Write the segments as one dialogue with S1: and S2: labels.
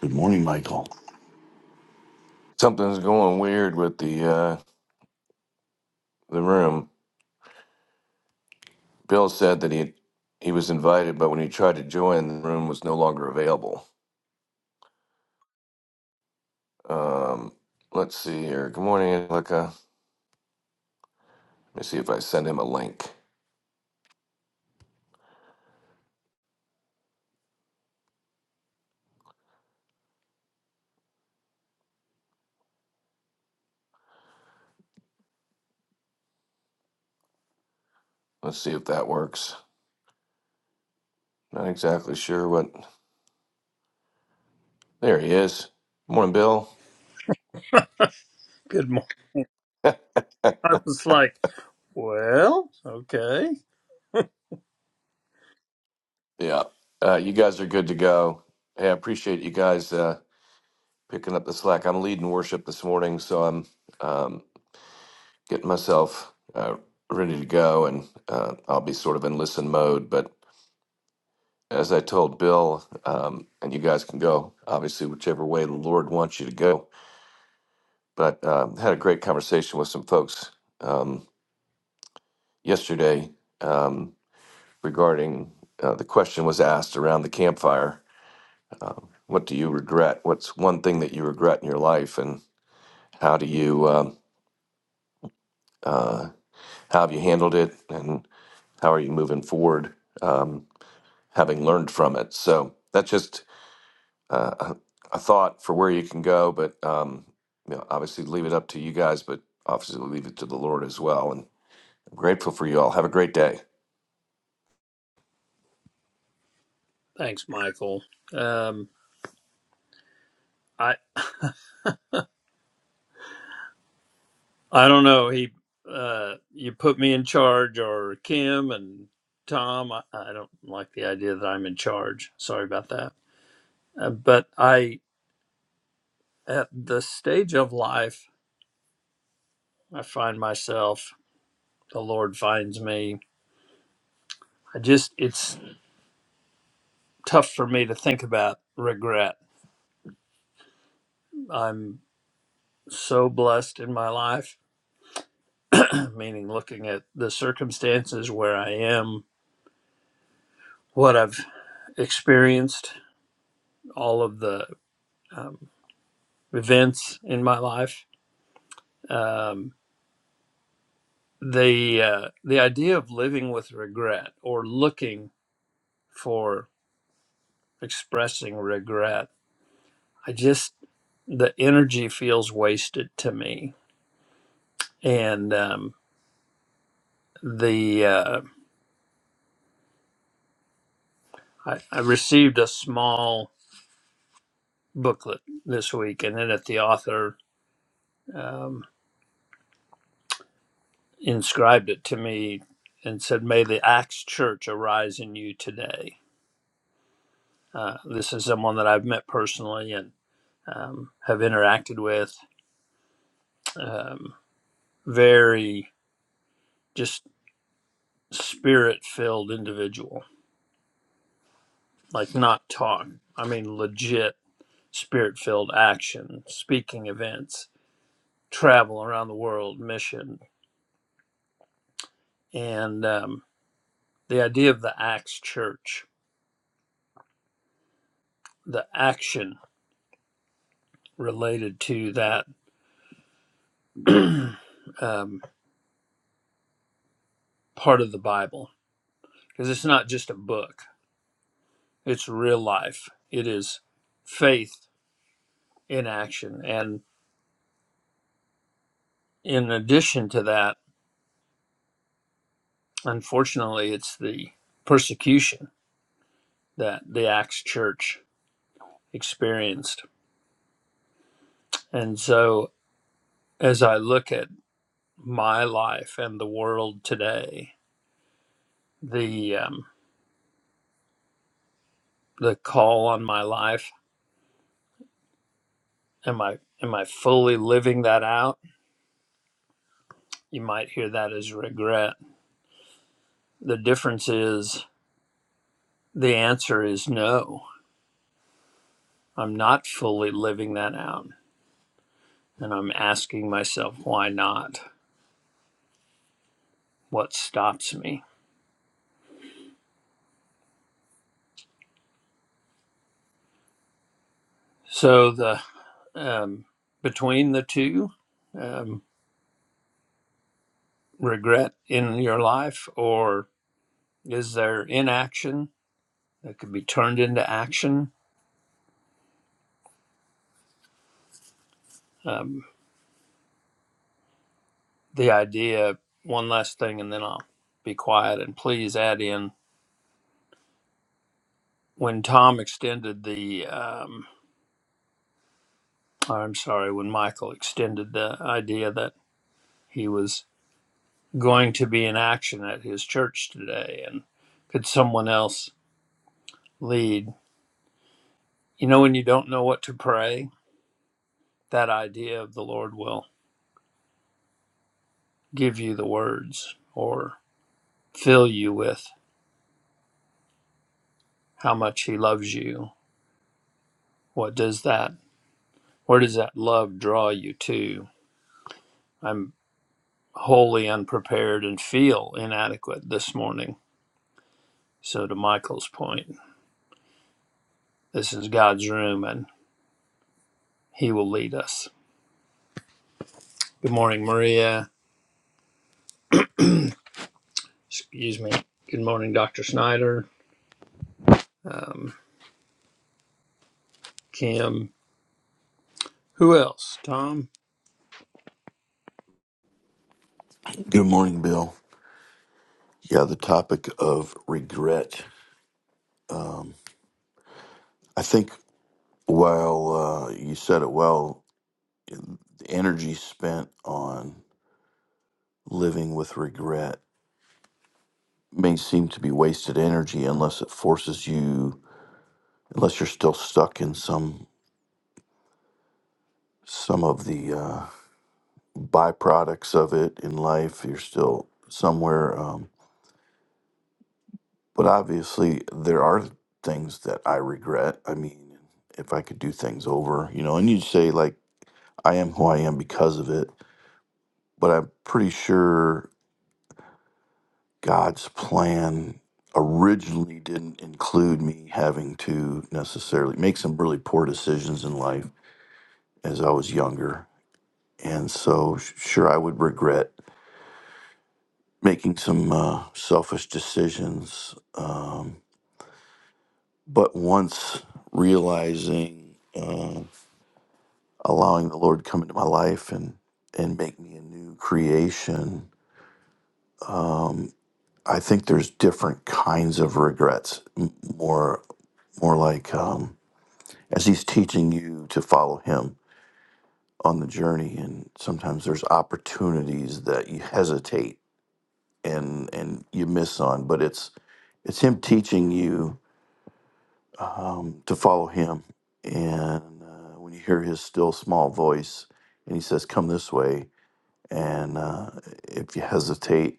S1: Good morning, Michael.
S2: Good morning. I was like, well, okay. Thanks, Michael. Um, I I don't know. He uh, you put me in charge or Kim and Tom. I, I don't like the idea that I'm in charge. Sorry about that. Uh, but I at the stage of life I find myself, the Lord finds me. I just it's tough for me to think about regret. I'm so blessed in my life meaning looking at the circumstances where I am, what I've experienced, all of the um, events in my life. Um, the uh, the idea of living with regret or looking for expressing regret, I just the energy feels wasted to me, and um, the uh, I, I received a small booklet this week, and then at the author. Um, inscribed it to me and said, May the Axe Church arise in you today. Uh, this is someone that I've met personally and um, have interacted with. Um, very just spirit filled individual, like not talk. I mean, legit spirit filled action, speaking events, travel around the world, mission. And um, the idea of the Axe Church, the action related to that. um, part of the Bible because it's not just a book, it's real life. It is faith in action. And in addition to that, unfortunately, it's the persecution that the Acts church experienced. And so as I look at my life and the world today, the um, the call on my life, am I am I fully living that out? You might hear that as regret. The difference is The answer is no. I'm not fully living that out. And I'm asking myself, why not? What stops me? So, the um, between the two, um, regret in your life, or is there inaction that could be turned into action? Um, the idea, one last thing, and then I'll be quiet. And please add in when Tom extended the, um, I'm sorry, when Michael extended the idea that he was. going to be in action at his church today and could someone else lead you know when you don't know what to pray that idea of the lord will give you the words or fill you with how much he loves you what does that where does that love draw you to i'm wholly unprepared and feel inadequate this morning so to michael's point this is god's room and he will lead us good morning maria excuse me good morning dr snyder um, Kim. Who else? Tom?
S1: Good morning, Bill. Yeah, the topic of regret. I think while uh, you said it well, the energy spent on living with regret may seem to be wasted energy unless it forces you, unless you're still stuck in some some of the uh, byproducts of it in life. You're still somewhere, um, but obviously there are things that I regret. I mean, if I could do things over, you know, and you'd say like I am who I am because of it. But I'm pretty sure God's plan originally didn't include me having to necessarily make some really poor decisions in life as I was younger. And so, s- sure, I would regret making some uh, selfish decisions. Um, but once realizing, uh, allowing the Lord come into my life and and make me a new creation. Um, I think there's different kinds of regrets. M- More, more like um, as he's teaching you to follow him on the journey, and sometimes there's opportunities that you hesitate and and you miss on. But it's it's him teaching you um, to follow him, and uh, when you hear his still small voice, and he says, "Come this way," and uh, if you hesitate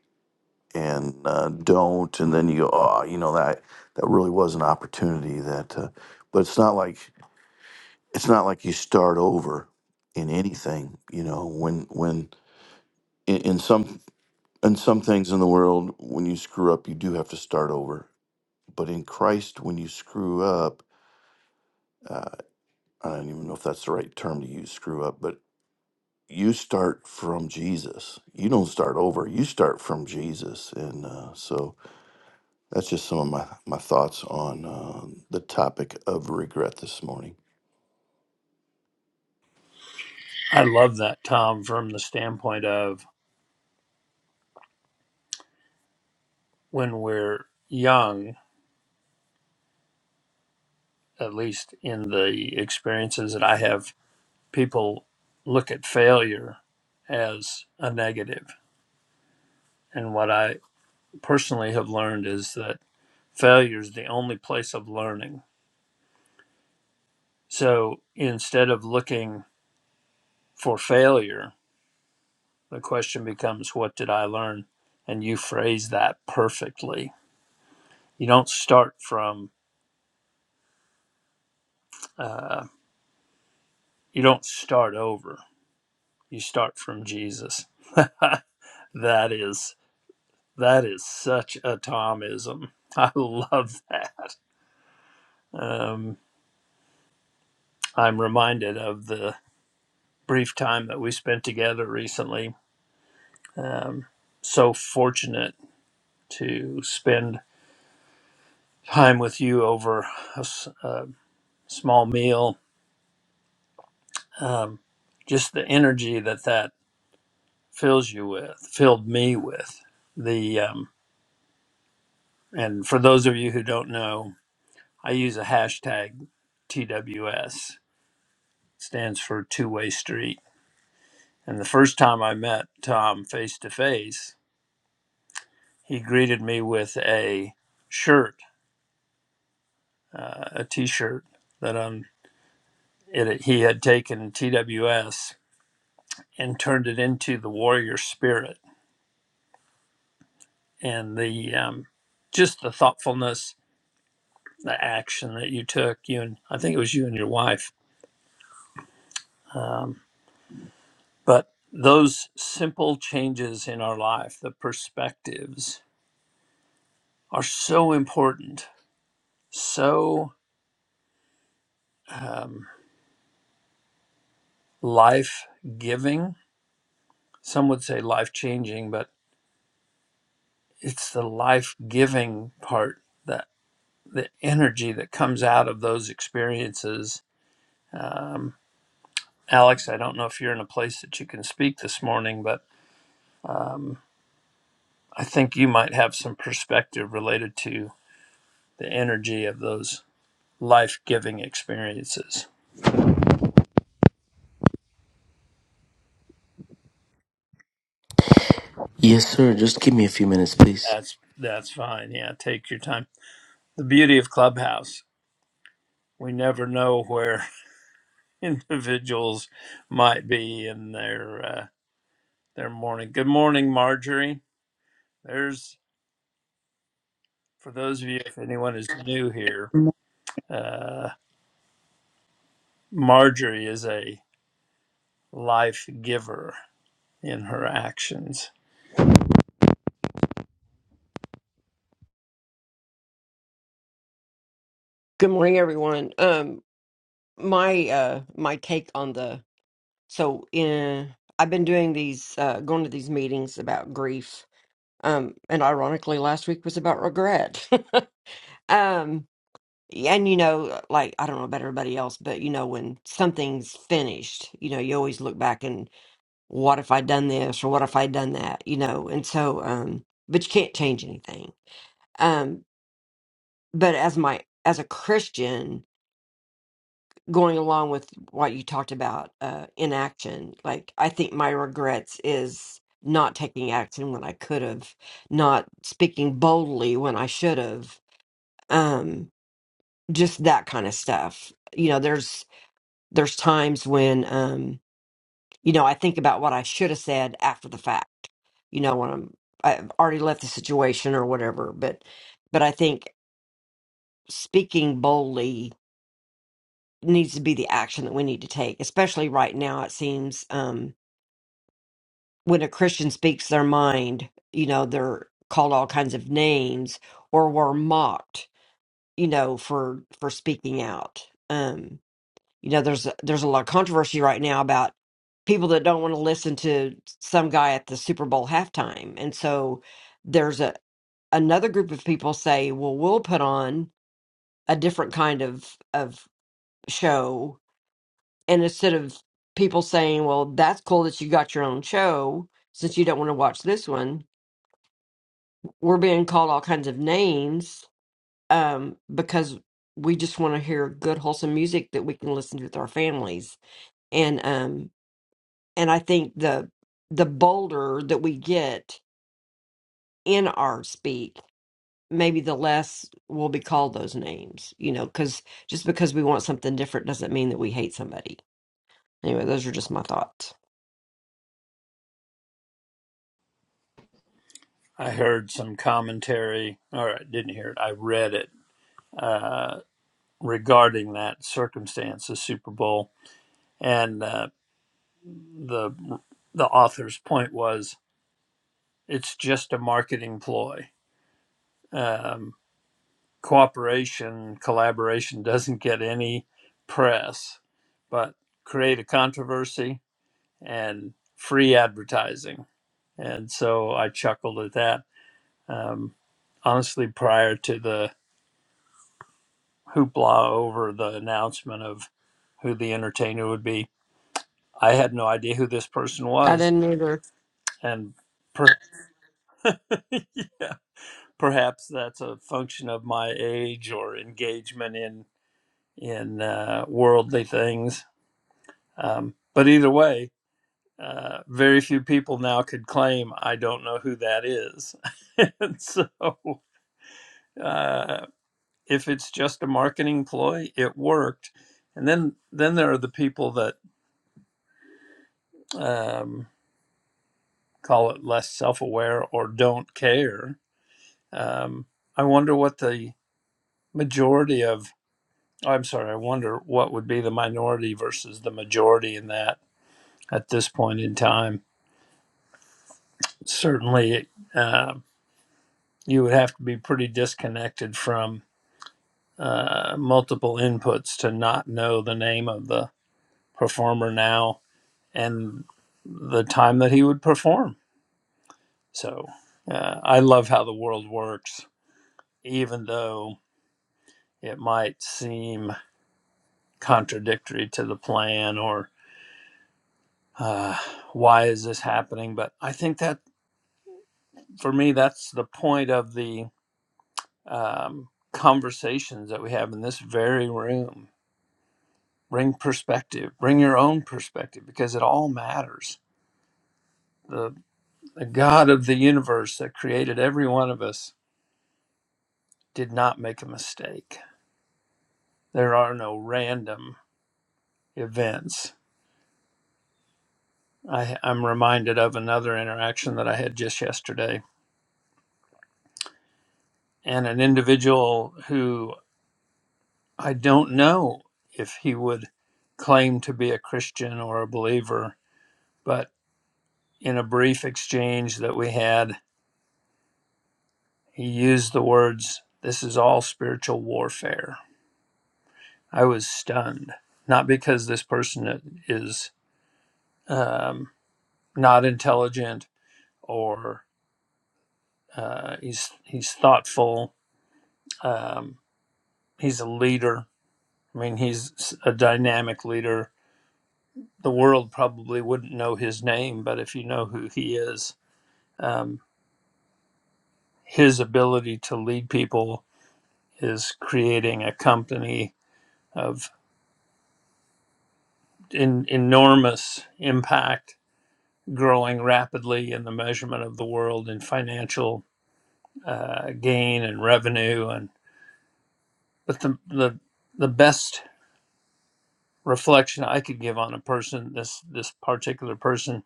S1: and uh, don't, and then you go, oh, you know that that really was an opportunity that, uh, but it's not like it's not like you start over in anything, you know. When when in, in some in some things in the world, when you screw up, you do have to start over. But in Christ, when you screw up, uh, I don't even know if that's the right term to use, screw up, but you start from Jesus. You don't start over. You start from Jesus, and uh, so That's just some of my, my thoughts on uh, the topic of regret this morning.
S2: I love that, Tom, from the standpoint of when we're young, at least in the experiences that I have, people look at failure as a negative. And what I personally have learned is that failure is the only place of learning. So instead of looking for failure, the question becomes, what did I learn? And you phrase that perfectly. You don't start from Uh, you don't start over. You start from Jesus. that is that is such a Thomism. I love that. Um, I'm reminded of the brief time that we spent together recently. Um, so fortunate to spend time with you over a, s- a small meal. Um, just the energy that that fills you with, filled me with. The um, and for those of you who don't know. I use a hashtag TWS, stands for Two Way Street. And the first time I met Tom face to face, he greeted me with a shirt, uh, a t shirt that um, it, he had taken TWS and turned it into the warrior spirit. And the um, just the thoughtfulness, the action that you took, you and I think it was you and your wife. Um, but those simple changes in our life, the perspectives, are so important, so um, life giving. Some would say life changing, but it's the life giving part that the energy that comes out of those experiences. Um, Alex, I don't know if you're in a place that you can speak this morning, but um, I think you might have some perspective related to the energy of those life giving experiences.
S3: Yes, sir. Just give me a few minutes, please.
S2: That's that's fine. Yeah, take your time. The beauty of Clubhouse we never know where individuals might be in their uh, their morning. Good morning, Marjorie. There's for those of you, if anyone is new here, uh, Marjorie is a life giver in her actions.
S4: Good morning, everyone. Um, my uh, my take on the so in I've been doing these uh, going to these meetings about grief. Um, and ironically, last week was about regret. um, and you know, like I don't know about everybody else, but you know, when something's finished, you know, you always look back and what if I done this or what if I done that, you know. And so, um, but you can't change anything. Um, but as my as a Christian going along with what you talked about uh inaction like i think my regrets is not taking action when i could have not speaking boldly when i should have um just that kind of stuff you know there's there's times when um you know i think about what i should have said after the fact you know when i'm i've already left the situation or whatever but but i think speaking boldly needs to be the action that we need to take especially right now it seems Um, when a Christian speaks their mind, you know, they're called all kinds of names or were mocked, you know, for for speaking out. Um, you know, there's there's a lot of controversy right now about people that don't want to listen to some guy at the Super Bowl halftime. And so there's a another group of people say, "Well, we'll put on a different kind of of show." And instead of people saying, "Well, that's cool that you got your own show since you don't want to watch this one," we're being called all kinds of names um, because we just want to hear good wholesome music that we can listen to with our families and um and i think the the bolder that we get in our speak maybe the less we'll be called those names you know because just because we want something different doesn't mean that we hate somebody anyway those are just my thoughts
S2: I heard some commentary, or I didn't hear it. I read it uh, regarding that circumstance, the Super Bowl, and uh, the the author's point was it's just a marketing ploy um, cooperation, collaboration doesn't get any press, but create a controversy and free advertising. And so I chuckled at that. Um, honestly, prior to the hoopla over the announcement of who the entertainer would be, I had no idea who this person
S4: i
S2: was.
S4: didn't either
S2: And per- perhaps that's a function of my age or engagement in in uh, worldly things Um, but either way, uh, very few people now could claim I don't know who that is. and so, uh, if it's just a marketing ploy, it worked. And then, then there are the people that um, call it less self-aware or don't care. Um, I wonder what the majority of oh, I'm sorry, I wonder what would be the minority versus the majority in that at this point in time. Certainly, uh, you would have to be pretty disconnected from uh, multiple inputs to not know the name of the performer now and the time that he would perform. So uh, I love how the world works, even though it might seem contradictory to the plan or uh, why is this happening. But I think that for me, that's the point of the um, conversations that we have in this very room bring perspective bring your own perspective because it all matters the, the god of the universe that created every one of us did not make a mistake there are no random events I, i'm reminded of another interaction that i had just yesterday and an individual who i don't know if he would claim to be a christian or a believer but in a brief exchange that we had he used the words this is all spiritual warfare I was stunned, not because this person is um, not intelligent or uh, he's he's thoughtful. Um, he's a leader. I mean, he's a dynamic leader. The world probably wouldn't know his name, but if you know who he is, um, his ability to lead people is creating a company of in, enormous impact, growing rapidly in the measurement of the world in financial uh, gain and revenue and but the, the the best reflection I could give on a person this this particular person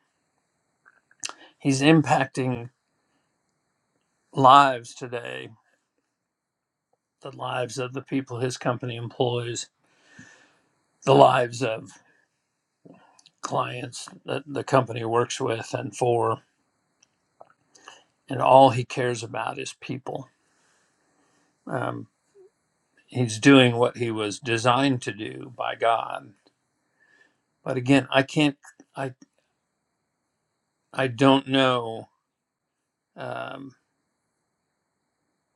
S2: he's impacting lives today the lives of the people his company employs the lives of clients that the company works with and for and all he cares about is people um, he's doing what he was designed to do by God but again I can't I I don't know Um,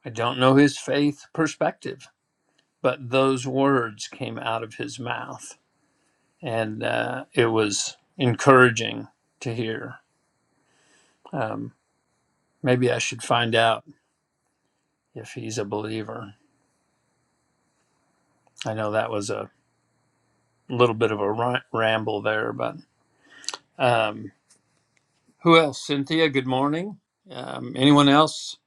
S2: I don't know his faith perspective, but those words came out of his mouth. And uh, it was encouraging to hear. Um, maybe I should find out if he's a believer. I know that was a little bit of a r- ramble there, but um, who else? Cynthia, good morning. Um, anyone else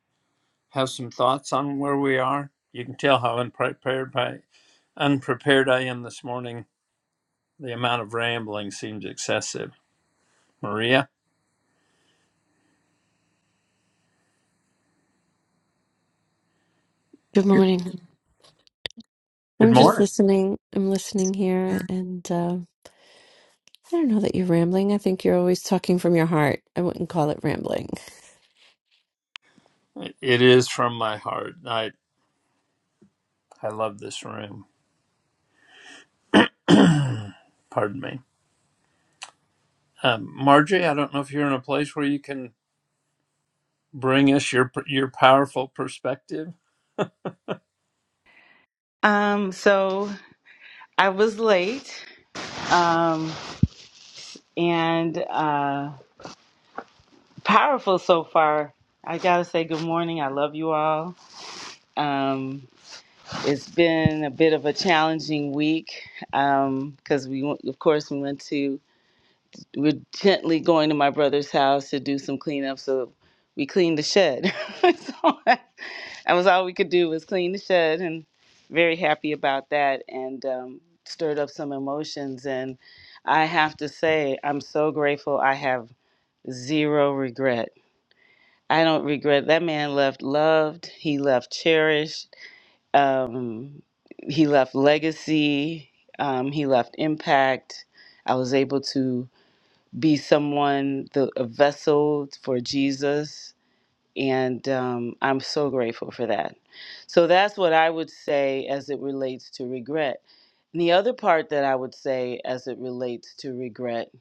S2: have some thoughts on where we are? You can tell how unprepared I, unprepared I am this morning. The amount of rambling seems excessive. Maria?
S5: Good morning.
S2: Good
S5: I'm just
S2: morning.
S5: listening. I'm listening here, and uh, I don't know that you're rambling. I think you're always talking from your heart. I wouldn't call it rambling.
S2: It is from my heart. I I love this room. Pardon me, um, Margie. I don't know if you're in a place where you can bring us your your powerful perspective.
S6: Um, so I was late, um, and uh, powerful so far. I gotta say, good morning. I love you all. Um, it's been a bit of a challenging week because we, went- of course, we went to we're gently going to my brother's house to do some cleanup. So we cleaned the shed. so that that was all we could do was clean the shed, and very happy about that, and um, stirred up some emotions. And I have to say, I'm so grateful. I have zero regret. I don't regret that man left loved. He left cherished. Um, he left legacy. Um, he left impact. I was able to be someone, the, a vessel for Jesus. And um, I'm so grateful for that. So that's what I would say as it relates to regret. And the other part that I would say as it relates to regret,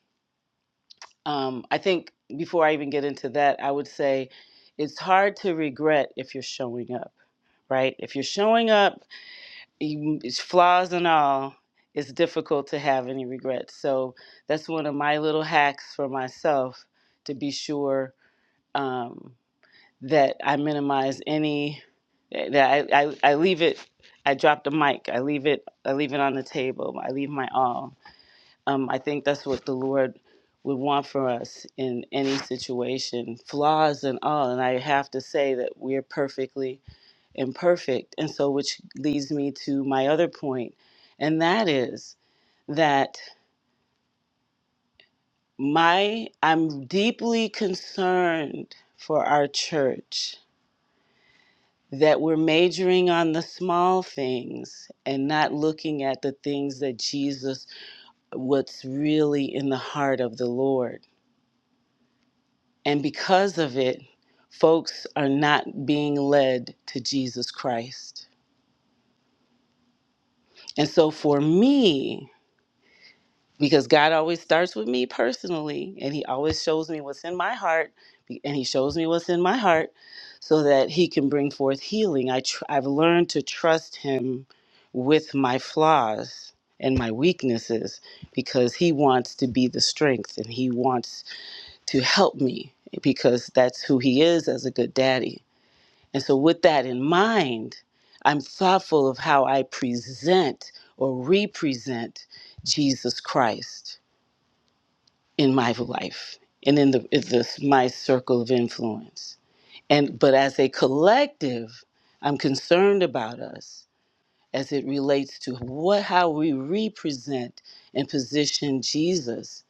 S6: um, I think before I even get into that, I would say it's hard to regret if you're showing up right? If you're showing up you- it's flaws and all, it's difficult to have any regrets. So that's one of my little hacks for myself to be sure um, that I minimize any. eh, That I, I, I leave it. I drop the mic. I leave it. I leave it on the table. I leave my all. Um, I think that's what the Lord would want for us in any situation, flaws and all. And I have to say that we're perfectly imperfect. And so, which leads me to my other point, and that is that my I'm deeply concerned for our church that we're majoring on the small things and not looking at the things that Jesus what's really in the heart of the Lord. And because of it, folks are not being led to Jesus Christ. And so for me, because God always starts with me personally, and He always shows me what's in my heart, and He shows me what's in my heart, so that He can bring forth healing. I tr- I've learned to trust Him with my flaws and my weaknesses because He wants to be the strength and He wants to help me because that's who He is as a good daddy. And so, with that in mind, I'm thoughtful of how I present or represent Jesus Christ in my life and in the, in this my circle of influence. And but as a collective, I'm concerned about us as it relates to what how we represent and position Jesus.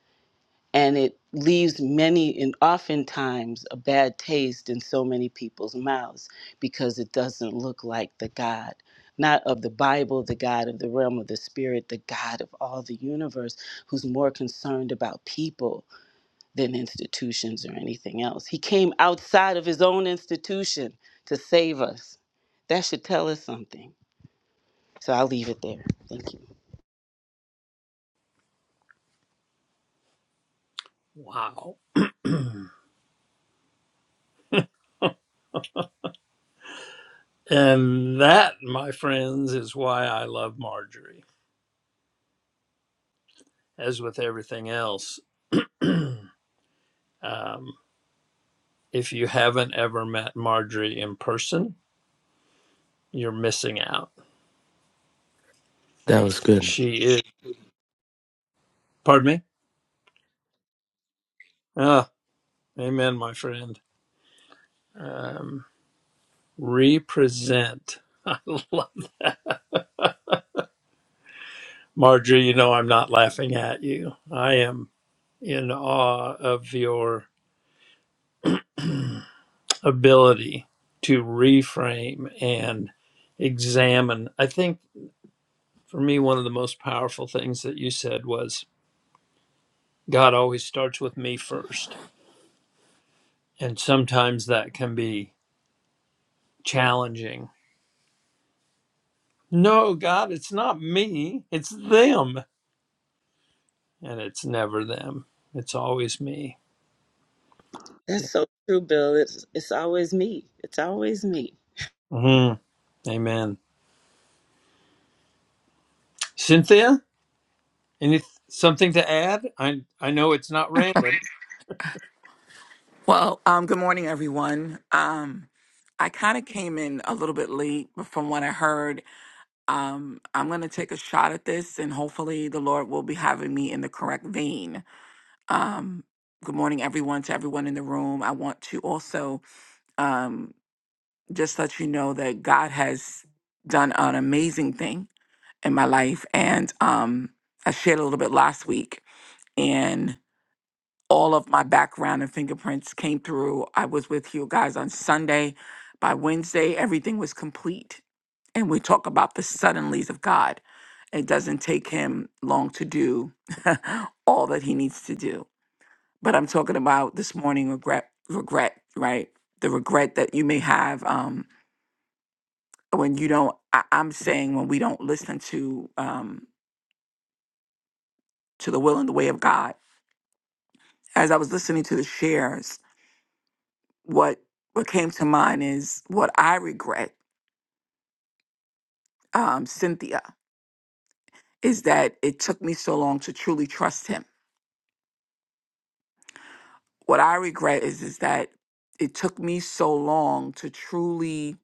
S6: And it leaves many and oftentimes a bad taste in so many people's mouths because it doesn't look like the God, not of the Bible, the God of the realm of the spirit, the God of all the universe, who's more concerned about people than institutions or anything else. He came outside of his own institution to save us. That should tell us something. So I'll leave it there. Thank you.
S2: Wow, and that, my friends, is why I love Marjorie. As with everything else, um, if you haven't ever met Marjorie in person, you're missing out.
S3: That was good.
S2: She is. Pardon me. Ah, amen, my friend. Um. Represent. I love it. Marjorie, you know I'm not laughing at you. I am in awe of your ability to reframe and examine. I think for me, one of the most powerful things that you said was God always starts with me first. And sometimes that can be challenging. No, God, it's not me, it's them. And it's never them, it's always me.
S6: That's so true, Bill. It's it's always me. It's always me.
S2: Mhm. Amen. Cynthia, any something to add? I I know it's not random.
S7: Well, um, good morning, everyone. Um, I kind of came in a little bit late, but from what I heard, um, I'm going to take a shot at this, and hopefully, the Lord will be having me in the correct vein. Um, good morning, everyone, to everyone in the room. I want to also um, just let you know that God has done an amazing thing in my life, and um, I shared a little bit last week all of my background and fingerprints came through. I was with you guys on Sunday. By Wednesday, everything was complete. And we talk about the suddenlies of God. It doesn't take him long to do all that he needs to do. But I'm talking about this morning regret, regret, right? The regret that you may have um, when you don't. I, I'm saying when we don't listen to um, to the will and the way of God. As I was listening to the shares, what what came to mind is what I regret, um, Cynthia, is that it took me so long to truly trust him. What I regret is is that it took me so long to truly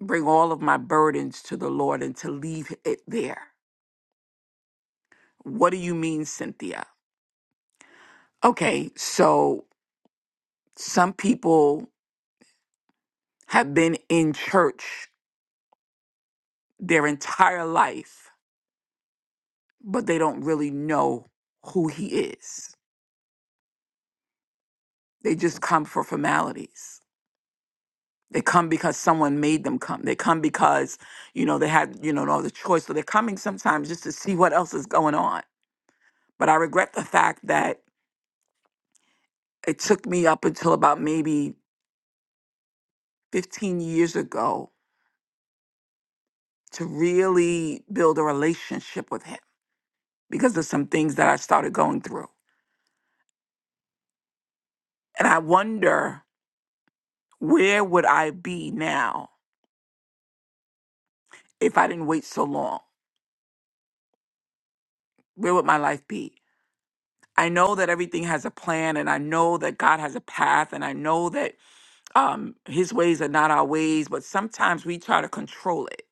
S7: bring all of my burdens to the Lord and to leave it there. What do you mean, Cynthia? Okay, so some people have been in church their entire life, but they don't really know who he is. They just come for formalities They come because someone made them come. They come because, you know, they had, you know, no other choice. So they're coming sometimes just to see what else is going on. But I regret the fact that it took me up until about maybe 15 years ago to really build a relationship with him because of some things that I started going through. And I wonder where would I be now if I didn't wait so long? Where would my life be? I know that everything has a plan and I know that God has a path and I know that um his ways are not our ways but sometimes we try to control it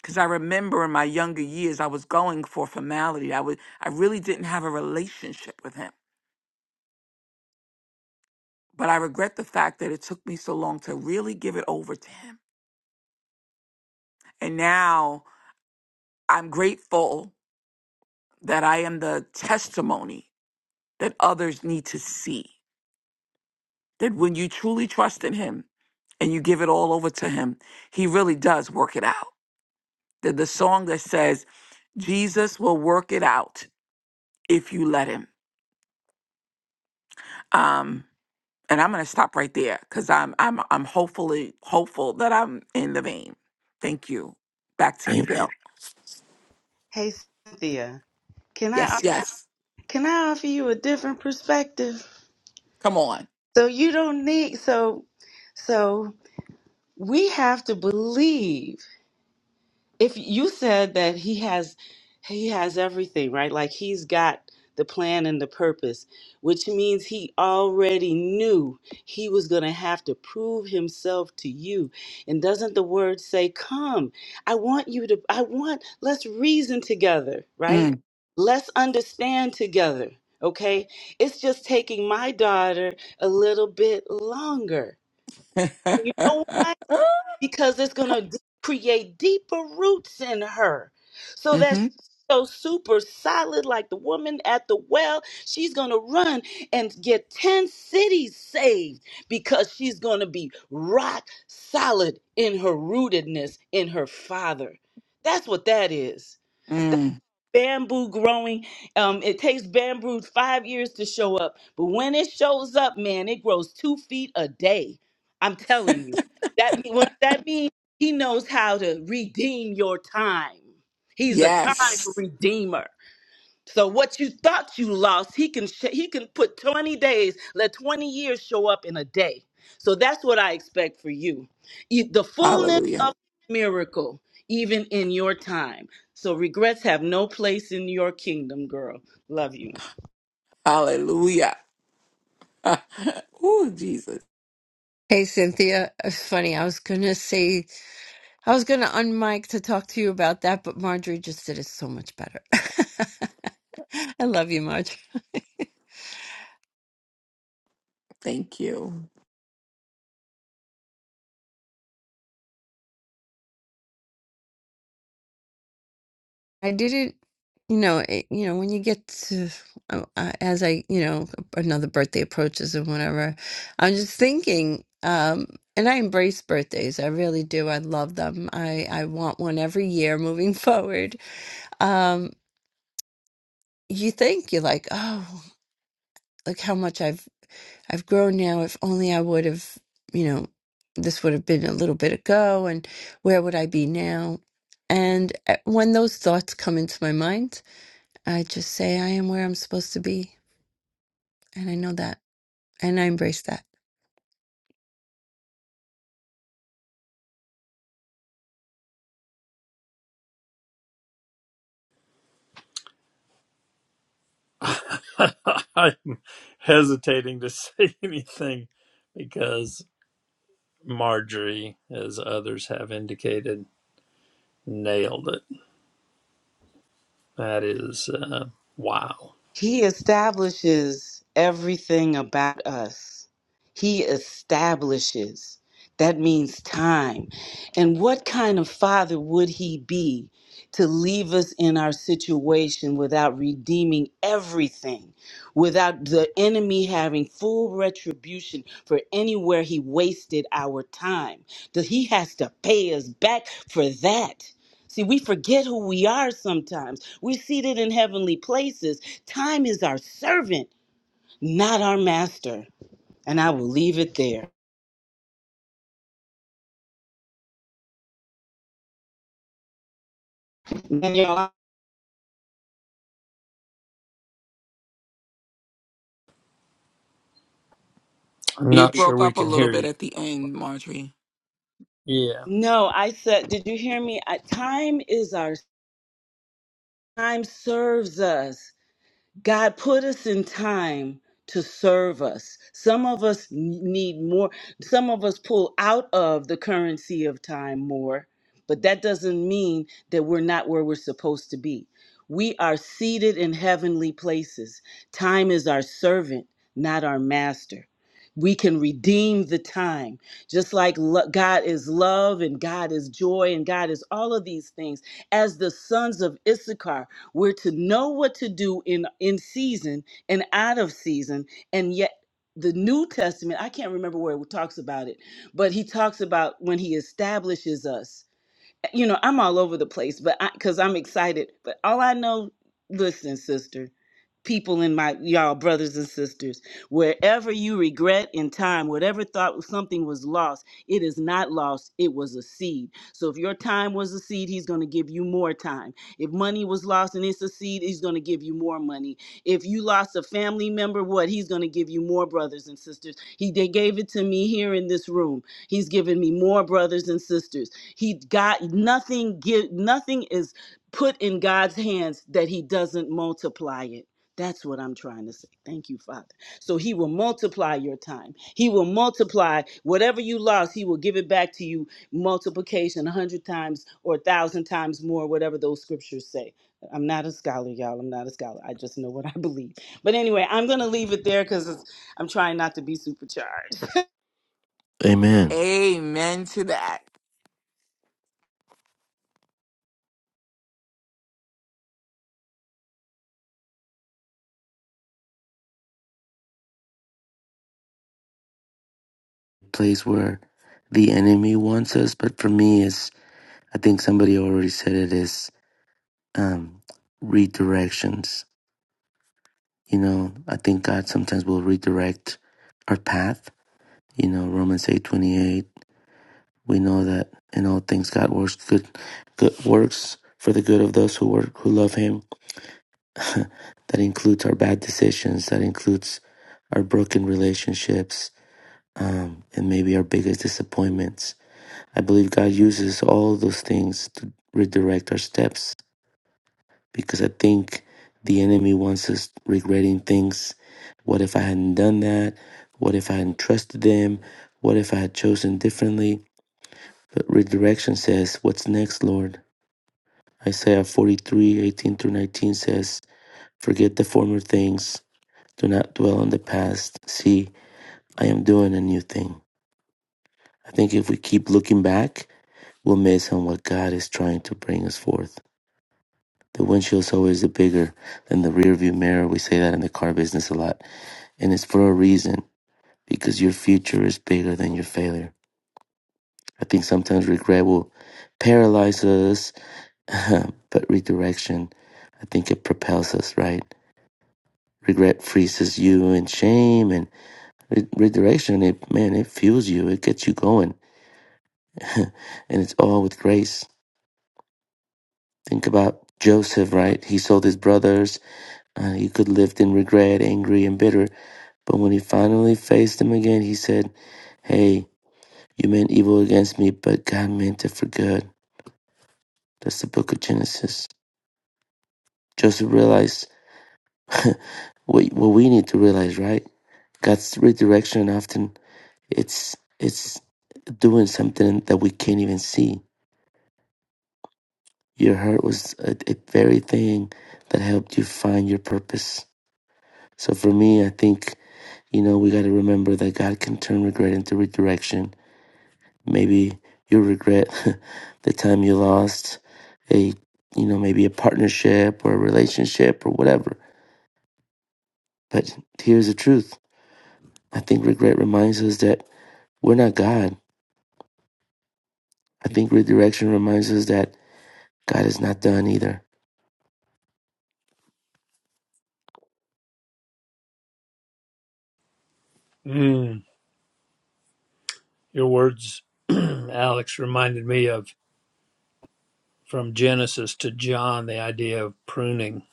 S7: because i remember in my younger years i was going for formality i would i really didn't have a relationship with him but i regret the fact that it took me so long to really give it over to him and now i'm grateful that i am the testimony that others need to see that when you truly trust in him and you give it all over to him he really does work it out the, the song that says jesus will work it out if you let him um and i'm going to stop right there because i'm i'm i'm hopefully hopeful that i'm in the vein thank you back to you
S3: A-
S7: bill
S6: Hey Cynthia, can I
S7: yes yes
S6: can I offer you a different perspective?
S7: come on
S6: So you don't need so so we have to believe if you said that he has he has everything right like he's got the plan and the purpose which means he already knew he was going to have to prove himself to you and doesn't the word say come i want you to i want let's reason together right
S7: mm.
S6: let's understand together okay it's just taking my daughter a little bit longer you know why because it's going to create deeper roots in her so that she's
S7: mm-hmm.
S6: so super solid like the woman at the well she's going to run and get 10 cities saved because she's going to be rock solid in her rootedness in her father that's what that is
S7: mm.
S6: bamboo growing. Um, it takes bamboo five years to show up, but when it shows up, man, it grows two feet a day. I'm telling you. That mean- what that means he knows how to redeem your time. He's a time
S7: yes
S6: redeemer. So what you thought you lost, he can sh- he can put 20 days, let 20 years show up in a day. So that's what I expect for you. E- The fullness
S7: hallelujah
S6: of miracle even in your time. So regrets have no place in your kingdom, girl. Love you.
S7: hallelujah oh jesus
S5: Hey, Cynthia. It's funny. I was going to say, I was going to unmic to talk to you about that, but Marjorie just did it so much better. I love you, Marjorie.
S7: thank you
S5: I did it, you know, it, you know, when you get to uh, uh, as I, you know, another birthday approaches and whatever, I'm just thinking, um, and I embrace birthdays. I really do. I love them. I I want one every year moving forward. Um, you think you're like, oh, look how much I've I've grown now. If only I would have, you know, this would have been a little bit ago, and where would I be now? And uh, when those thoughts come into my mind, I just say I am where I'm supposed to be. And I know that. And I embrace that.
S2: I'm hesitating to say anything because Marjorie, as others have indicated, nailed it. That is uh, wow.
S6: He establishes everything about us. He establishes. That means time. And what kind of father would he be to leave us in our situation without redeeming everything, without the enemy having full retribution for anywhere he wasted our time? That he has to pay us back for that. See, we forget who we are sometimes. We're seated in heavenly places. Time is our servant, not our master. And I will leave it there. Man, y'all,
S2: I'm
S7: you
S2: not sure
S7: broke
S2: we
S7: up a
S2: can
S7: little
S2: hear
S7: bit
S2: you.
S7: at the end marjorie
S2: Yeah,
S6: No, I said, did you hear me? I, time is our time serves us. God put us in time to serve us. Some of us n- need more. Some of us pull out of the currency of time more, but that doesn't mean that we're not where we're supposed to be. We are seated in heavenly places. Time is our servant, not our master. We can redeem the time. Just like lo- God is love and God is joy and God is all of these things. As the sons of Issachar, we're to know what to do in in season and out of season, and yet the New Testament, I can't remember where it talks about it, but he talks about when he establishes us you know, I'm all over the place, but I because I'm excited. But all I know, listen, sister, people in my y'all brothers and sisters, wherever you regret in time, whatever thought something was lost, it is not lost. It was a seed. So if your time was a seed, he's going to give you more time. If money was lost and it's a seed, he's going to give you more money. If you lost a family member, what he's going to give you more brothers and sisters. He they gave it to me here in this room. He's given me more brothers and sisters. He got nothing give nothing is put in God's hands that he doesn't multiply it. That's what I'm trying to say. Thank you, Father. So he will multiply your time. He will multiply whatever you lost, he will give it back to you multiplication a hundred times or a thousand times more, whatever those scriptures say. I'm not a scholar, y'all. I'm not a scholar. I just know what I believe. But anyway, I'm going to leave it there because I'm trying not to be supercharged.
S3: Amen.
S7: amen to that
S3: Place where the enemy wants us, but for me, is I think somebody already said it is um, redirections. You know, I think God sometimes will redirect our path. You know, Romans eight twenty eight. We know that in all things God works good, good works for the good of those who work who love Him. that includes our bad decisions. That includes our broken relationships um, and maybe our biggest disappointments. I believe God uses all those things to redirect our steps because I think the enemy wants us regretting things. What if I hadn't done that? What if I hadn't trusted them? What if I had chosen differently? But redirection says, What's next, Lord? Isaiah 43 18 through 19 says, Forget the former things, do not dwell on the past. See, I am doing a new thing. I think if we keep looking back, We'll miss on what God is trying to bring us forth. The windshield's always bigger than the rearview mirror. We say that in the car business a lot. And it's for a reason, because your future is bigger than your failure. I think sometimes regret will paralyze us, but redirection, I think it propels us, right? Regret freezes you in shame and re- redirection, it, man, it fuels you. It gets you going. and it's all with grace. Think about Joseph, right? He sold his brothers Uh, he could lived in regret, angry, and bitter. But when he finally faced them again, he said, Hey, you meant evil against me, but God meant it for good. That's the book of Genesis. Joseph realized what, what we need to realize, right? God's redirection often it's it's doing something that we can't even see. Your hurt was a, a very thing that helped you find your purpose. So for me, I think you know we got to remember that God can turn regret into redirection Maybe you'll regret the time you lost a, you know, maybe a partnership or a relationship or whatever. But here's the truth. I think regret reminds us that we're not God. I think redirection reminds us that God is not done either
S2: mm, your words, Alex, reminded me of from Genesis to John the idea of pruning.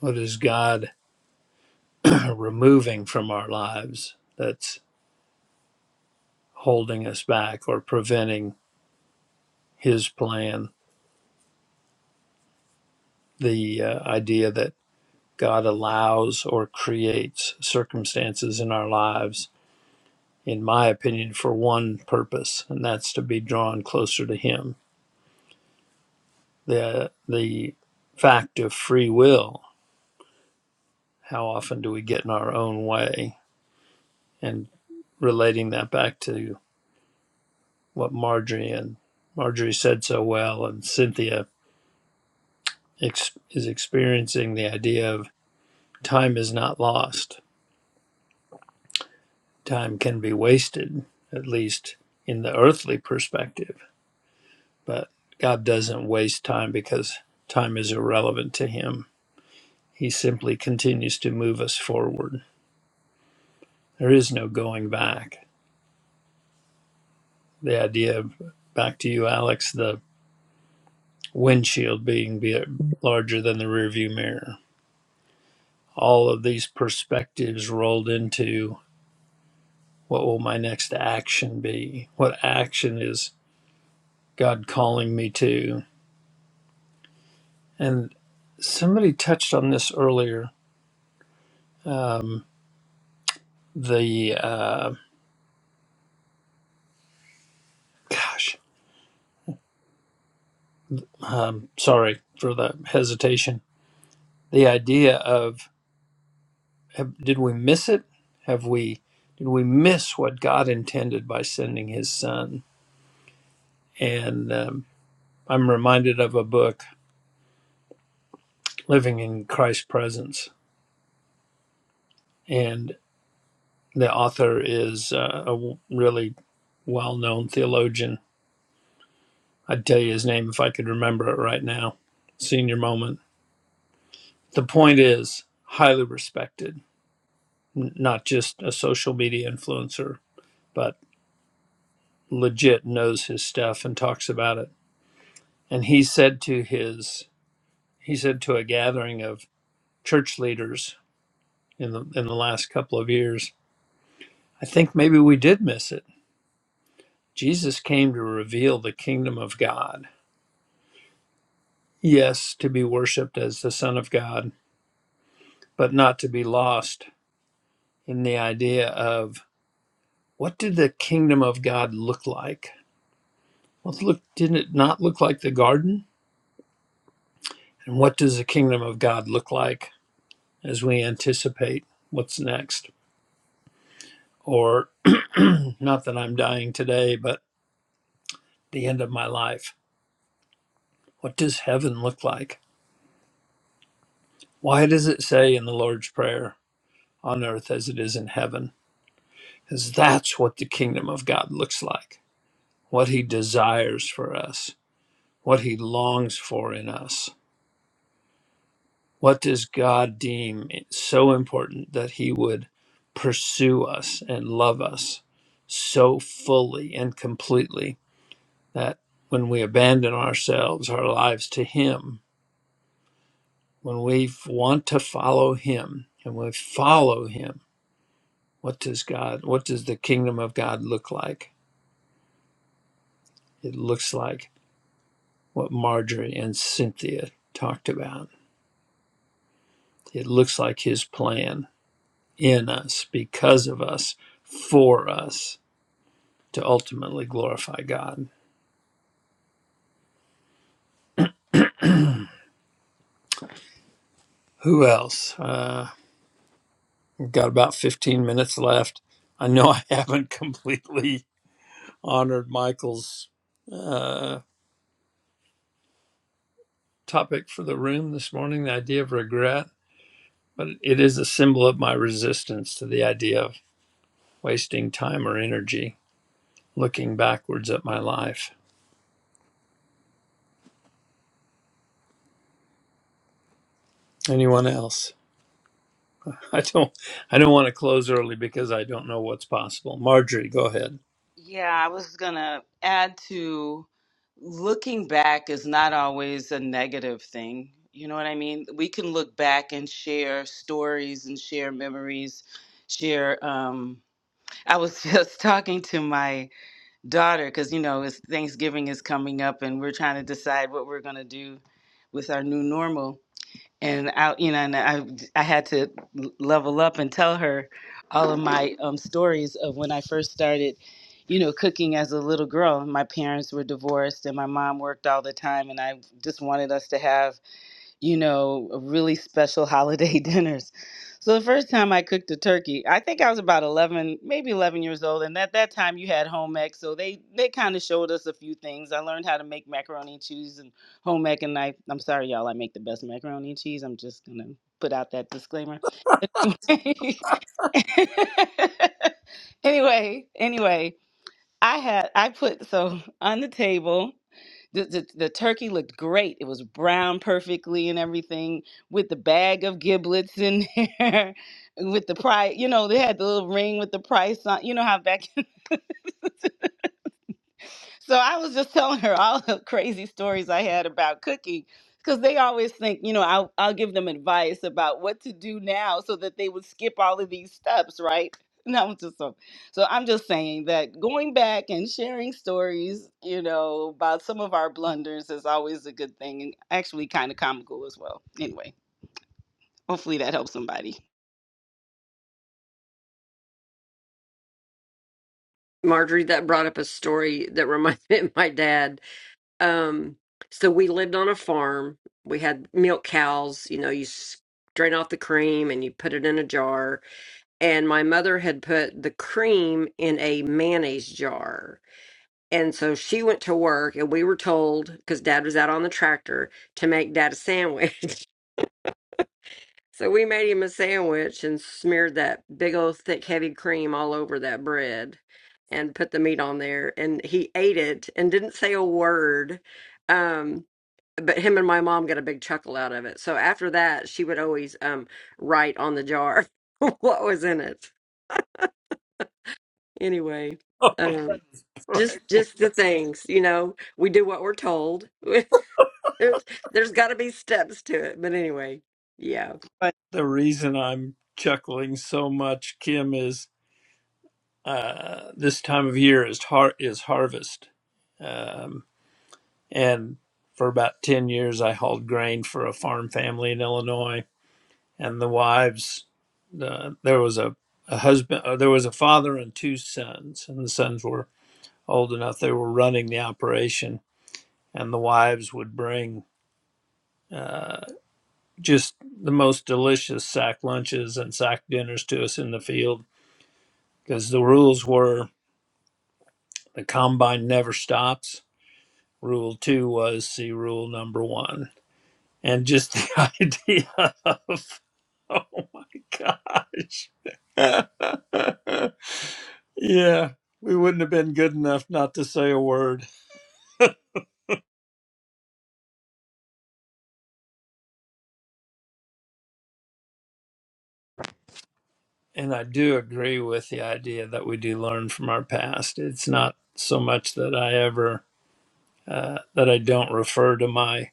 S2: What is God removing from our lives? That's holding us back or preventing his plan. The uh, idea that God allows or creates circumstances in our lives, in my opinion, for one purpose, and that's to be drawn closer to him. The, the fact of free will, how often do we get in our own way? And relating that back to what Marjorie and Marjorie said so well, and Cynthia ex- is experiencing the idea of time is not lost Time can be wasted, at least in the earthly perspective, but God doesn't waste time because time is irrelevant to Him. He simply continues to move us forward. There is no going back. The idea of, back to you, Alex, the windshield being be- larger than the rearview mirror. All of these perspectives rolled into what will my next action be? What action is God calling me to? And somebody touched on this earlier. Um, the uh, gosh, um, sorry for the hesitation. The idea of have, did we miss it? Have we did we miss what God intended by sending His Son? And um, I'm reminded of a book, Living in Christ's Presence, and the author is uh, a w- really well-known theologian. I'd tell you his name if I could remember it right now. Senior moment The point is, highly respected, N- not just a social media influencer, but legit knows his stuff and talks about it. And he said to his, he said to a gathering of church leaders in the, in the last couple of years, I think maybe we did miss it. Jesus came to reveal the kingdom of God. Yes, to be worshiped as the Son of God, but not to be lost in the idea of what did the kingdom of God look like? Well, it look, didn't it not look like the garden? And what does the kingdom of God look like as we anticipate what's next? Or not that I'm dying today, but the end of my life. What does heaven look like? Why does it say in the Lord's Prayer, on earth as it is in heaven? Because that's what the kingdom of God looks like, what he desires for us, what he longs for in us What does God deem so important that He would pursue us and love us so fully and completely that when we abandon ourselves, our lives to Him, when we f- want to follow Him and we follow Him, what does God, what does the kingdom of God look like? It looks like what Marjorie and Cynthia talked about. It looks like His plan in us, because of us, for us to ultimately glorify God. Who else? Uh, we've got about 15 minutes left. I know I haven't completely honored Michael's uh, topic for the room this morning, the idea of regret, but it is a symbol of my resistance to the idea of wasting time or energy looking backwards at my life. Anyone else? I don't. I don't want to close early because I don't know what's possible. Marjorie, go ahead.
S6: Yeah, I was gonna add to looking back is not always a negative thing. You know what I mean? We can look back and share stories and share memories. Share. Um, I was just talking to my daughter because you know it's Thanksgiving is coming up and we're trying to decide what we're gonna do with our new normal and I, you know, and I, I had to level up and tell her all of my um, stories of when I first started, you know, cooking as a little girl. My parents were divorced, and my mom worked all the time, and I just wanted us to have you know, really special holiday dinners. So the first time I cooked a turkey, I think I was about 11, maybe 11 years old, and at that time you had home ec, so they they kind of showed us a few things. I learned how to make macaroni and cheese and home ec, and I I'm sorry y'all, I make the best macaroni and cheese. I'm just gonna put out that disclaimer. anyway, anyway, I had I put so on the table. The, the, the turkey looked great. It was brown perfectly and everything with the bag of giblets in there, with the price. You know, they had the little ring with the price on. You know how back So I was just telling her all the crazy stories I had about cooking because they always think, you know, I'll, I'll give them advice about what to do now so that they would skip all of these steps, right? No, I was just so, so I'm just saying that going back and sharing stories, you know, about some of our blunders is always a good thing and actually kind of comical as well. Anyway, hopefully that helps somebody.
S4: marjorie that brought up a story that reminded me of my dad Um, so we lived on a farm. We had milk cows. You know, you s- drain off the cream and you put it in a jar. And my mother had put the cream in a mayonnaise jar. And so she went to work, and we were told because dad was out on the tractor to make dad a sandwich. So we made him a sandwich and smeared that big old thick heavy cream all over that bread and put the meat on there and he ate it and didn't say a word. Um but him and my mom got a big chuckle out of it. So after that, she would always um write on the jar what was in it. Anyway, um just just the things, you know, we do what we're told. there's there's got to be steps to it. But anyway, yeah.
S6: But
S2: The reason I'm chuckling so much, Kim, is uh, this time of year is har- is harvest, um, and for about ten years I hauled grain for a farm family in Illinois, and the wives, the, there was a, a husband, uh, there was a father and two sons, and the sons were old enough they were running the operation, and the wives would bring. Uh, just the most delicious sack lunches and sack dinners to us in the field because the rules were the combine never stops. Rule two was see rule number one. And just the idea, oh gosh. yeah, we wouldn't have been good enough not to say a word. And I do agree with the idea that we do learn from our past. It's not so much that I ever, uh, that I don't refer to my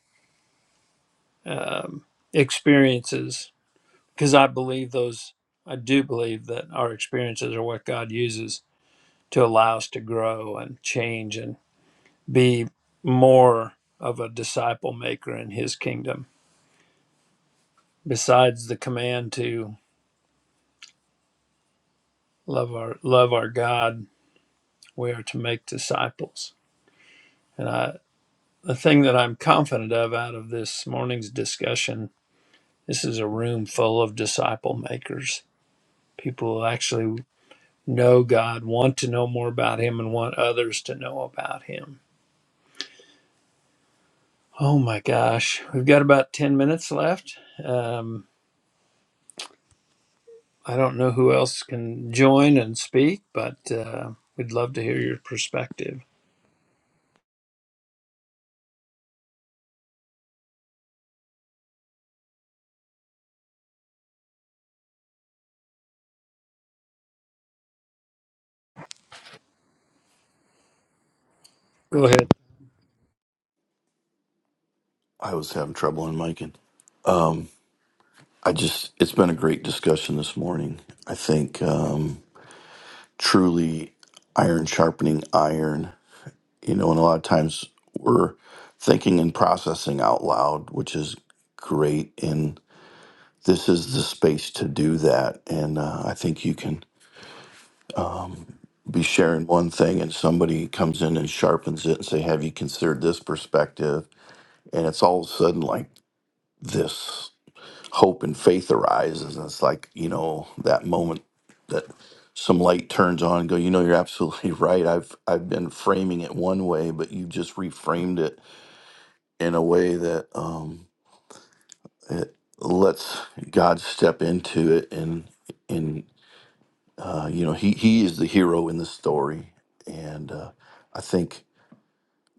S2: um, experiences because I believe those, I do believe that our experiences are what God uses to allow us to grow and change and be more of a disciple maker in his kingdom. Besides the command to love our love our God, we are to make disciples. And I the thing that I'm confident of out of this morning's discussion, this is a room full of disciple makers. People who actually know God, want to know more about him and want others to know about him. Oh my gosh, we've got about 10 minutes left. Um, I don't know who else can join and speak, but uh, we'd love to hear your perspective. Go ahead.
S1: I was having trouble in miking. Um, I just, it's been a great discussion this morning. I think um, truly iron sharpening iron, you know, and a lot of times we're thinking and processing out loud, which is great. And this is the space to do that. And uh, I think you can be sharing one thing and somebody comes in and sharpens it and say, have you considered this perspective? and it's all of a sudden like this hope and faith arises and it's like you know that moment that some light turns on and go you know you're absolutely right i've i've been framing it one way but you just reframed it in a way that um lets god step into it and and uh you know he he is the hero in the story and uh i think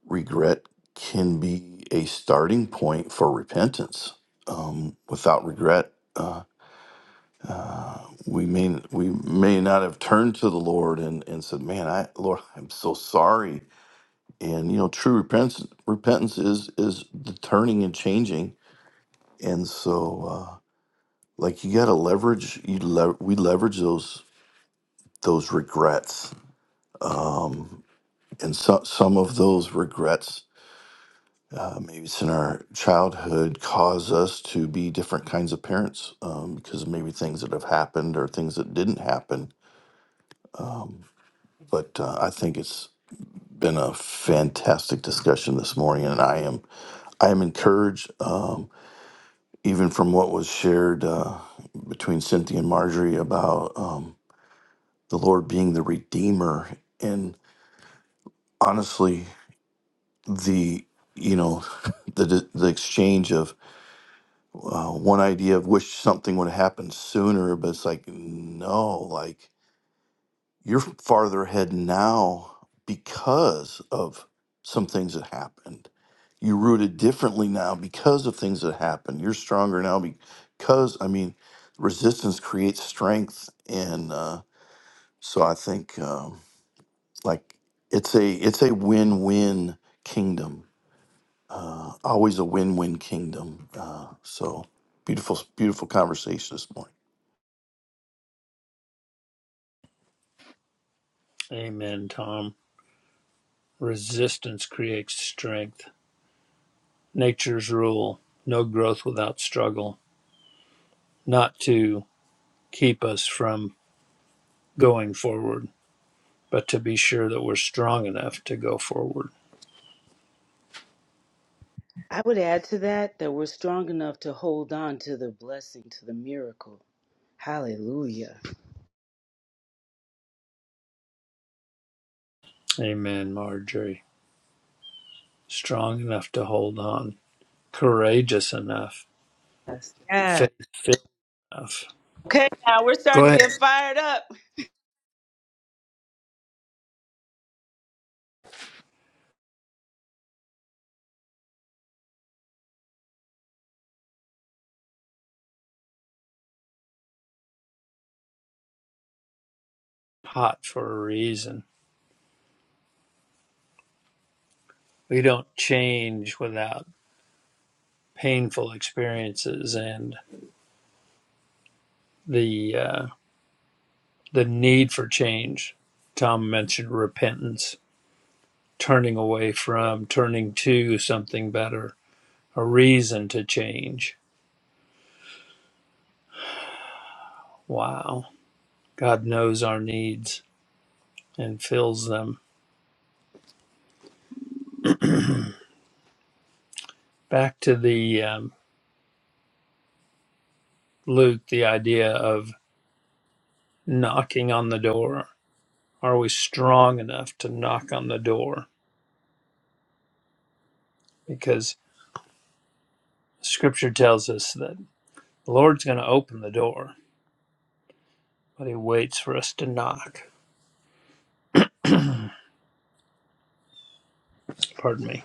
S1: regret can be a starting point for repentance um without regret uh, we may we may not have turned to the Lord and and said, "Man, I Lord, I'm so sorry." And you know, true repentance repentance is is the turning and changing. And so, uh, like you got to leverage you le- we leverage those those regrets. Um, and so, some of those regrets, uh, maybe it's in our childhood, cause us to be different kinds of parents um, because maybe things that have happened or things that didn't happen but uh, I think it's been a fantastic discussion this morning, and I am I am encouraged, um, even from what was shared uh, between Cynthia and Marjorie about um, the Lord being the Redeemer, and honestly, the you know the the exchange of uh, one idea of wish something would have happened sooner, but it's like no, like You're farther ahead now because of some things that happened. You rooted differently now because of things that happened. You're stronger now because, I mean, resistance creates strength, and uh, so I think um, like it's a it's a win-win kingdom. Uh, always a win-win kingdom. Uh, so beautiful, beautiful conversation this morning.
S2: Amen, Tom. Resistance creates strength. Nature's rule no growth without struggle, not to keep us from going forward, but to be sure that we're strong enough to go forward.
S6: I would add to that that we're strong enough to hold on to the blessing, to the miracle. Hallelujah.
S2: Amen, Marjorie. Strong enough to hold on, courageous enough,
S6: Yes. Yes.
S2: faithful enough.
S6: Okay, now we're
S2: Go
S6: starting to
S2: ahead.
S6: get fired up.
S2: Hot for a reason. we don't change without painful experiences and the uh, the need for change. Tom mentioned repentance, turning away from, turning to something better, a reason to change. Wow, God knows our needs and fills them. Back to the um, Luke, the idea of knocking on the door. Are we strong enough to knock on the door? Because Scripture tells us that. The Lord's going to open the door, but He waits for us to knock. Pardon me.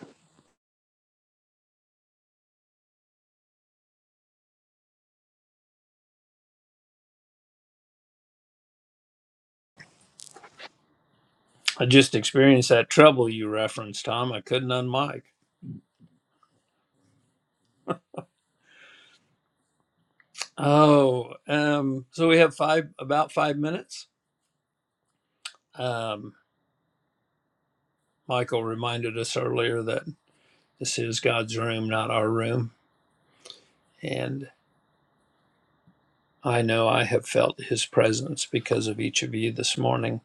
S2: I just experienced that trouble you referenced, Tom. I couldn't unmic. Oh, um, so we have five about five minutes. Um, Michael reminded us earlier that this is God's room, not our room, and I know I have felt His presence because of each of you this morning.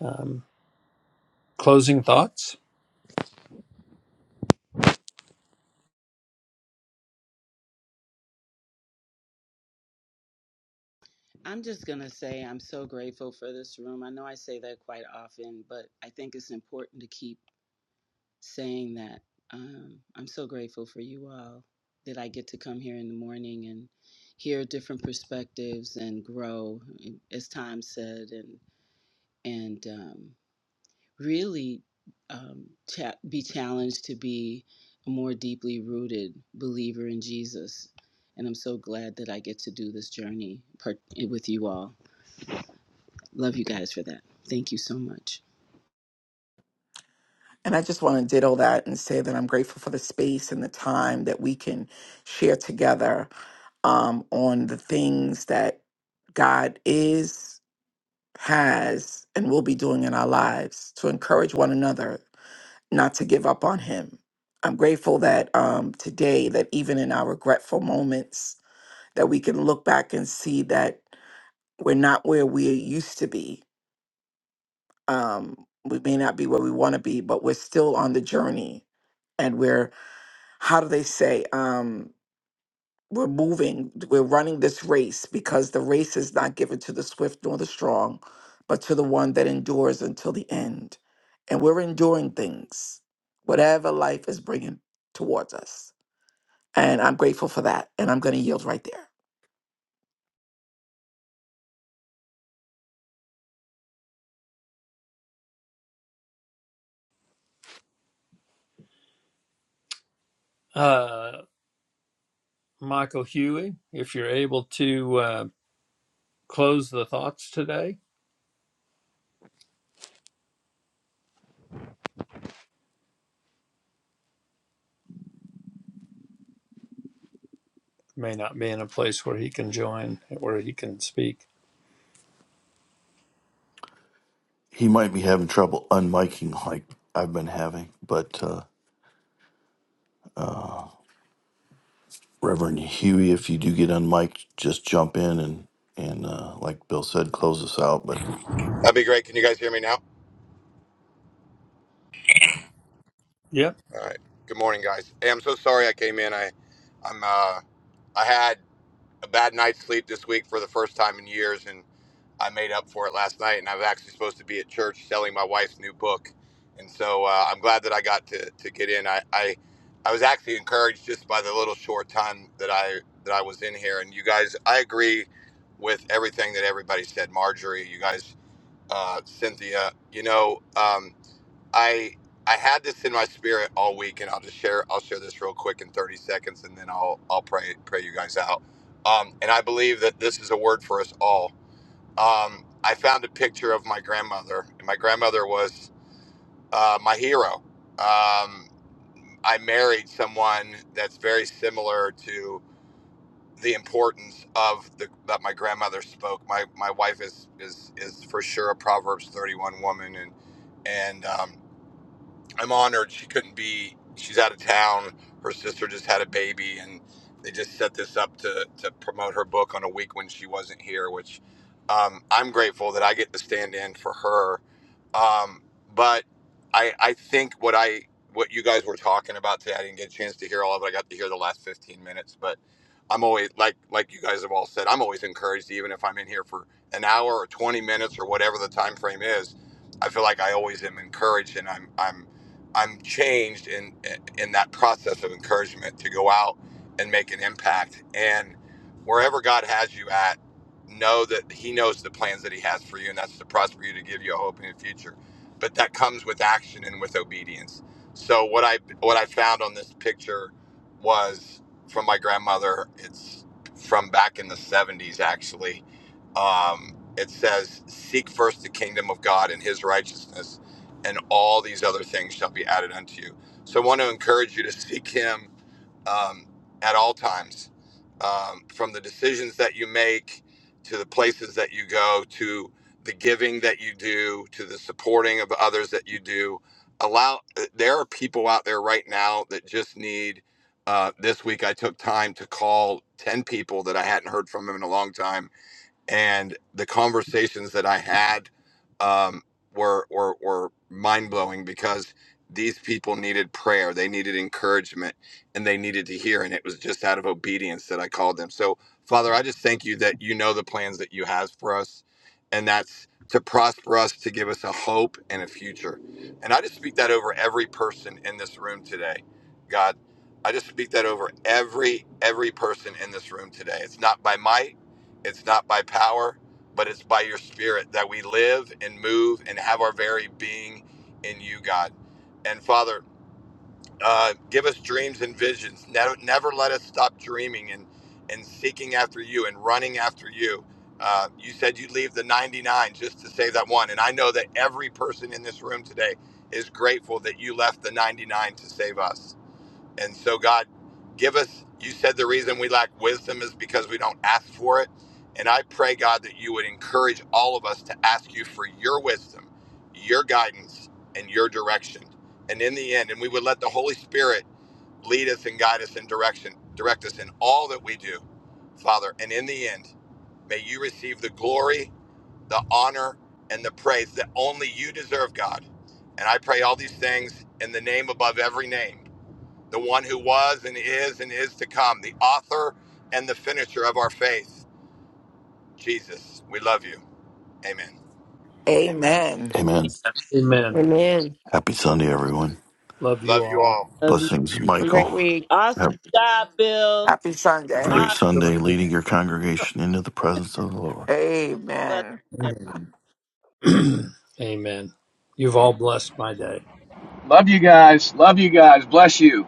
S2: Um, closing thoughts,
S6: I'm just going to say I'm so grateful for this room. I know I say that quite often, but I think it's important to keep saying that. Um, I'm so grateful for you all that I get to come here in the morning and hear different perspectives and grow, eh, as Tom said, and and um, really um, cha- be challenged to be a more deeply rooted believer in Jesus. And I'm so glad that I get to do this journey part- with you all. Love you guys for that. Thank you so much.
S7: And I just want to ditto that and say that I'm grateful for the space and the time that we can share together um, on the things that God is, has, and will be doing in our lives to encourage one another not to give up on Him. I'm grateful that um, today, that even in our regretful moments, that we can look back and see that we're not where we used to be. Um, we may not be where we want to be, but we're still on the journey and we're how do they say um we're moving we're running this race because the race is not given to the swift nor the strong but to the one that endures until the end and we're enduring things whatever life is bringing towards us and i'm grateful for that and i'm going to yield right there
S2: uh, Michael Huey, if you're able to uh, close the thoughts today may not be in a place where he can join, where he can speak.
S1: He might be having trouble unmiking like I've been having, but. uh, Reverend Huey, if you do get unmiked, just jump in and and uh, like Bill said, close us out. But
S8: That'd be great. Can you guys hear me now?
S2: Yep.
S8: All right. Good morning, guys. Hey, I'm so sorry I came in. I, I'm, uh, I had a bad night's sleep this week for the first time in years, and I made up for it last night. And I was actually supposed to be at church selling my wife's new book, and so uh, I'm glad that I got to, to get in. I, I, I was actually encouraged just by the little short time that I that I was in here. And you guys, I agree with everything that everybody said. Marjorie, you guys, uh, Cynthia, you know. Um, I I had this in my spirit all week, and I'll just share I'll share this real quick in 30 seconds, and then I'll I'll pray pray you guys out. Um, and I believe that this is a word for us all. Um, I found a picture of my grandmother, and my grandmother was uh, my hero. Um, I married someone that's very similar to the importance of the that my grandmother spoke. My my wife is is is for sure a Proverbs 31 woman, and and um, I'm honored she couldn't be. She's out of town. Her sister just had a baby, and they just set this up to to promote her book on a week when she wasn't here. Which um, I'm grateful that I get to stand in for her. Um, but I I think what I what you guys were talking about today, I didn't get a chance to hear all of it. I got to hear the last 15 minutes, but I'm always like like you guys have all said. I'm always encouraged, even if I'm in here for an hour or 20 minutes or whatever the time frame is. I feel like I always am encouraged, and I'm I'm I'm changed in in that process of encouragement to go out and make an impact. And wherever God has you at, know that He knows the plans that He has for you, and that's to prosper you to give you a hope and a future. But that comes with action and with obedience. So what I what I found on this picture was from my grandmother. It's from back in the '70s, actually. Um, it says, "Seek first the kingdom of God and His righteousness." and all these other things shall be added unto you. So I want to encourage you to seek Him um, at all times, um, from the decisions that you make to the places that you go to the giving that you do to the supporting of others that you do. Allow there are people out there right now that just need. Uh, this week I took time to call ten people that I hadn't heard from in a long time and the conversations that I had um, were were, were mind blowing because these people needed prayer, they needed encouragement, and they needed to hear. And it was just out of obedience that I called them. So, Father, I just thank you that you know the plans that you have for us, and that's to prosper us, to give us a hope and a future. And I just speak that over every person in this room today, God. I just speak that over every every person in this room today. It's not by might it's not by power, but it's by your spirit that we live and move and have our very being in you, God. And Father, uh, give us dreams and visions. Never, never let us stop dreaming and, and seeking after you and running after you. Uh, you said you'd leave the 99 just to save that one. And I know that every person in this room today is grateful that you left the 99 to save us. And so, God, give us, you said the reason we lack wisdom is because we don't ask for it. And I pray, God, that you would encourage all of us to ask you for your wisdom, your guidance, and your direction. And in the end, and we would let the Holy Spirit lead us and guide us in direction, direct us in all that we do, Father. And in the end, may you receive the glory, the honor, and the praise that only you deserve, God. And I pray all these things in the name above every name the one who was and is and is to come, the author and the finisher of our faith, Jesus. We love you. Amen.
S7: amen
S1: Amen.
S2: Amen.
S4: Amen.
S1: Happy Sunday, everyone.
S2: Love you
S8: Love you
S2: all.
S8: all.
S6: Love you.
S1: Blessings,
S4: Have a great
S1: Michael.
S4: week.
S6: Awesome
S1: Have,
S6: job, Bill.
S7: happy
S1: have a
S7: sunday
S2: Thank
S1: great
S6: Awesome.
S2: you.
S1: Sunday, leading your congregation into the presence of the Lord.
S7: amen
S2: Amen. Amen. You've all blessed my day.
S9: Love you guys. Love you guys. Bless you.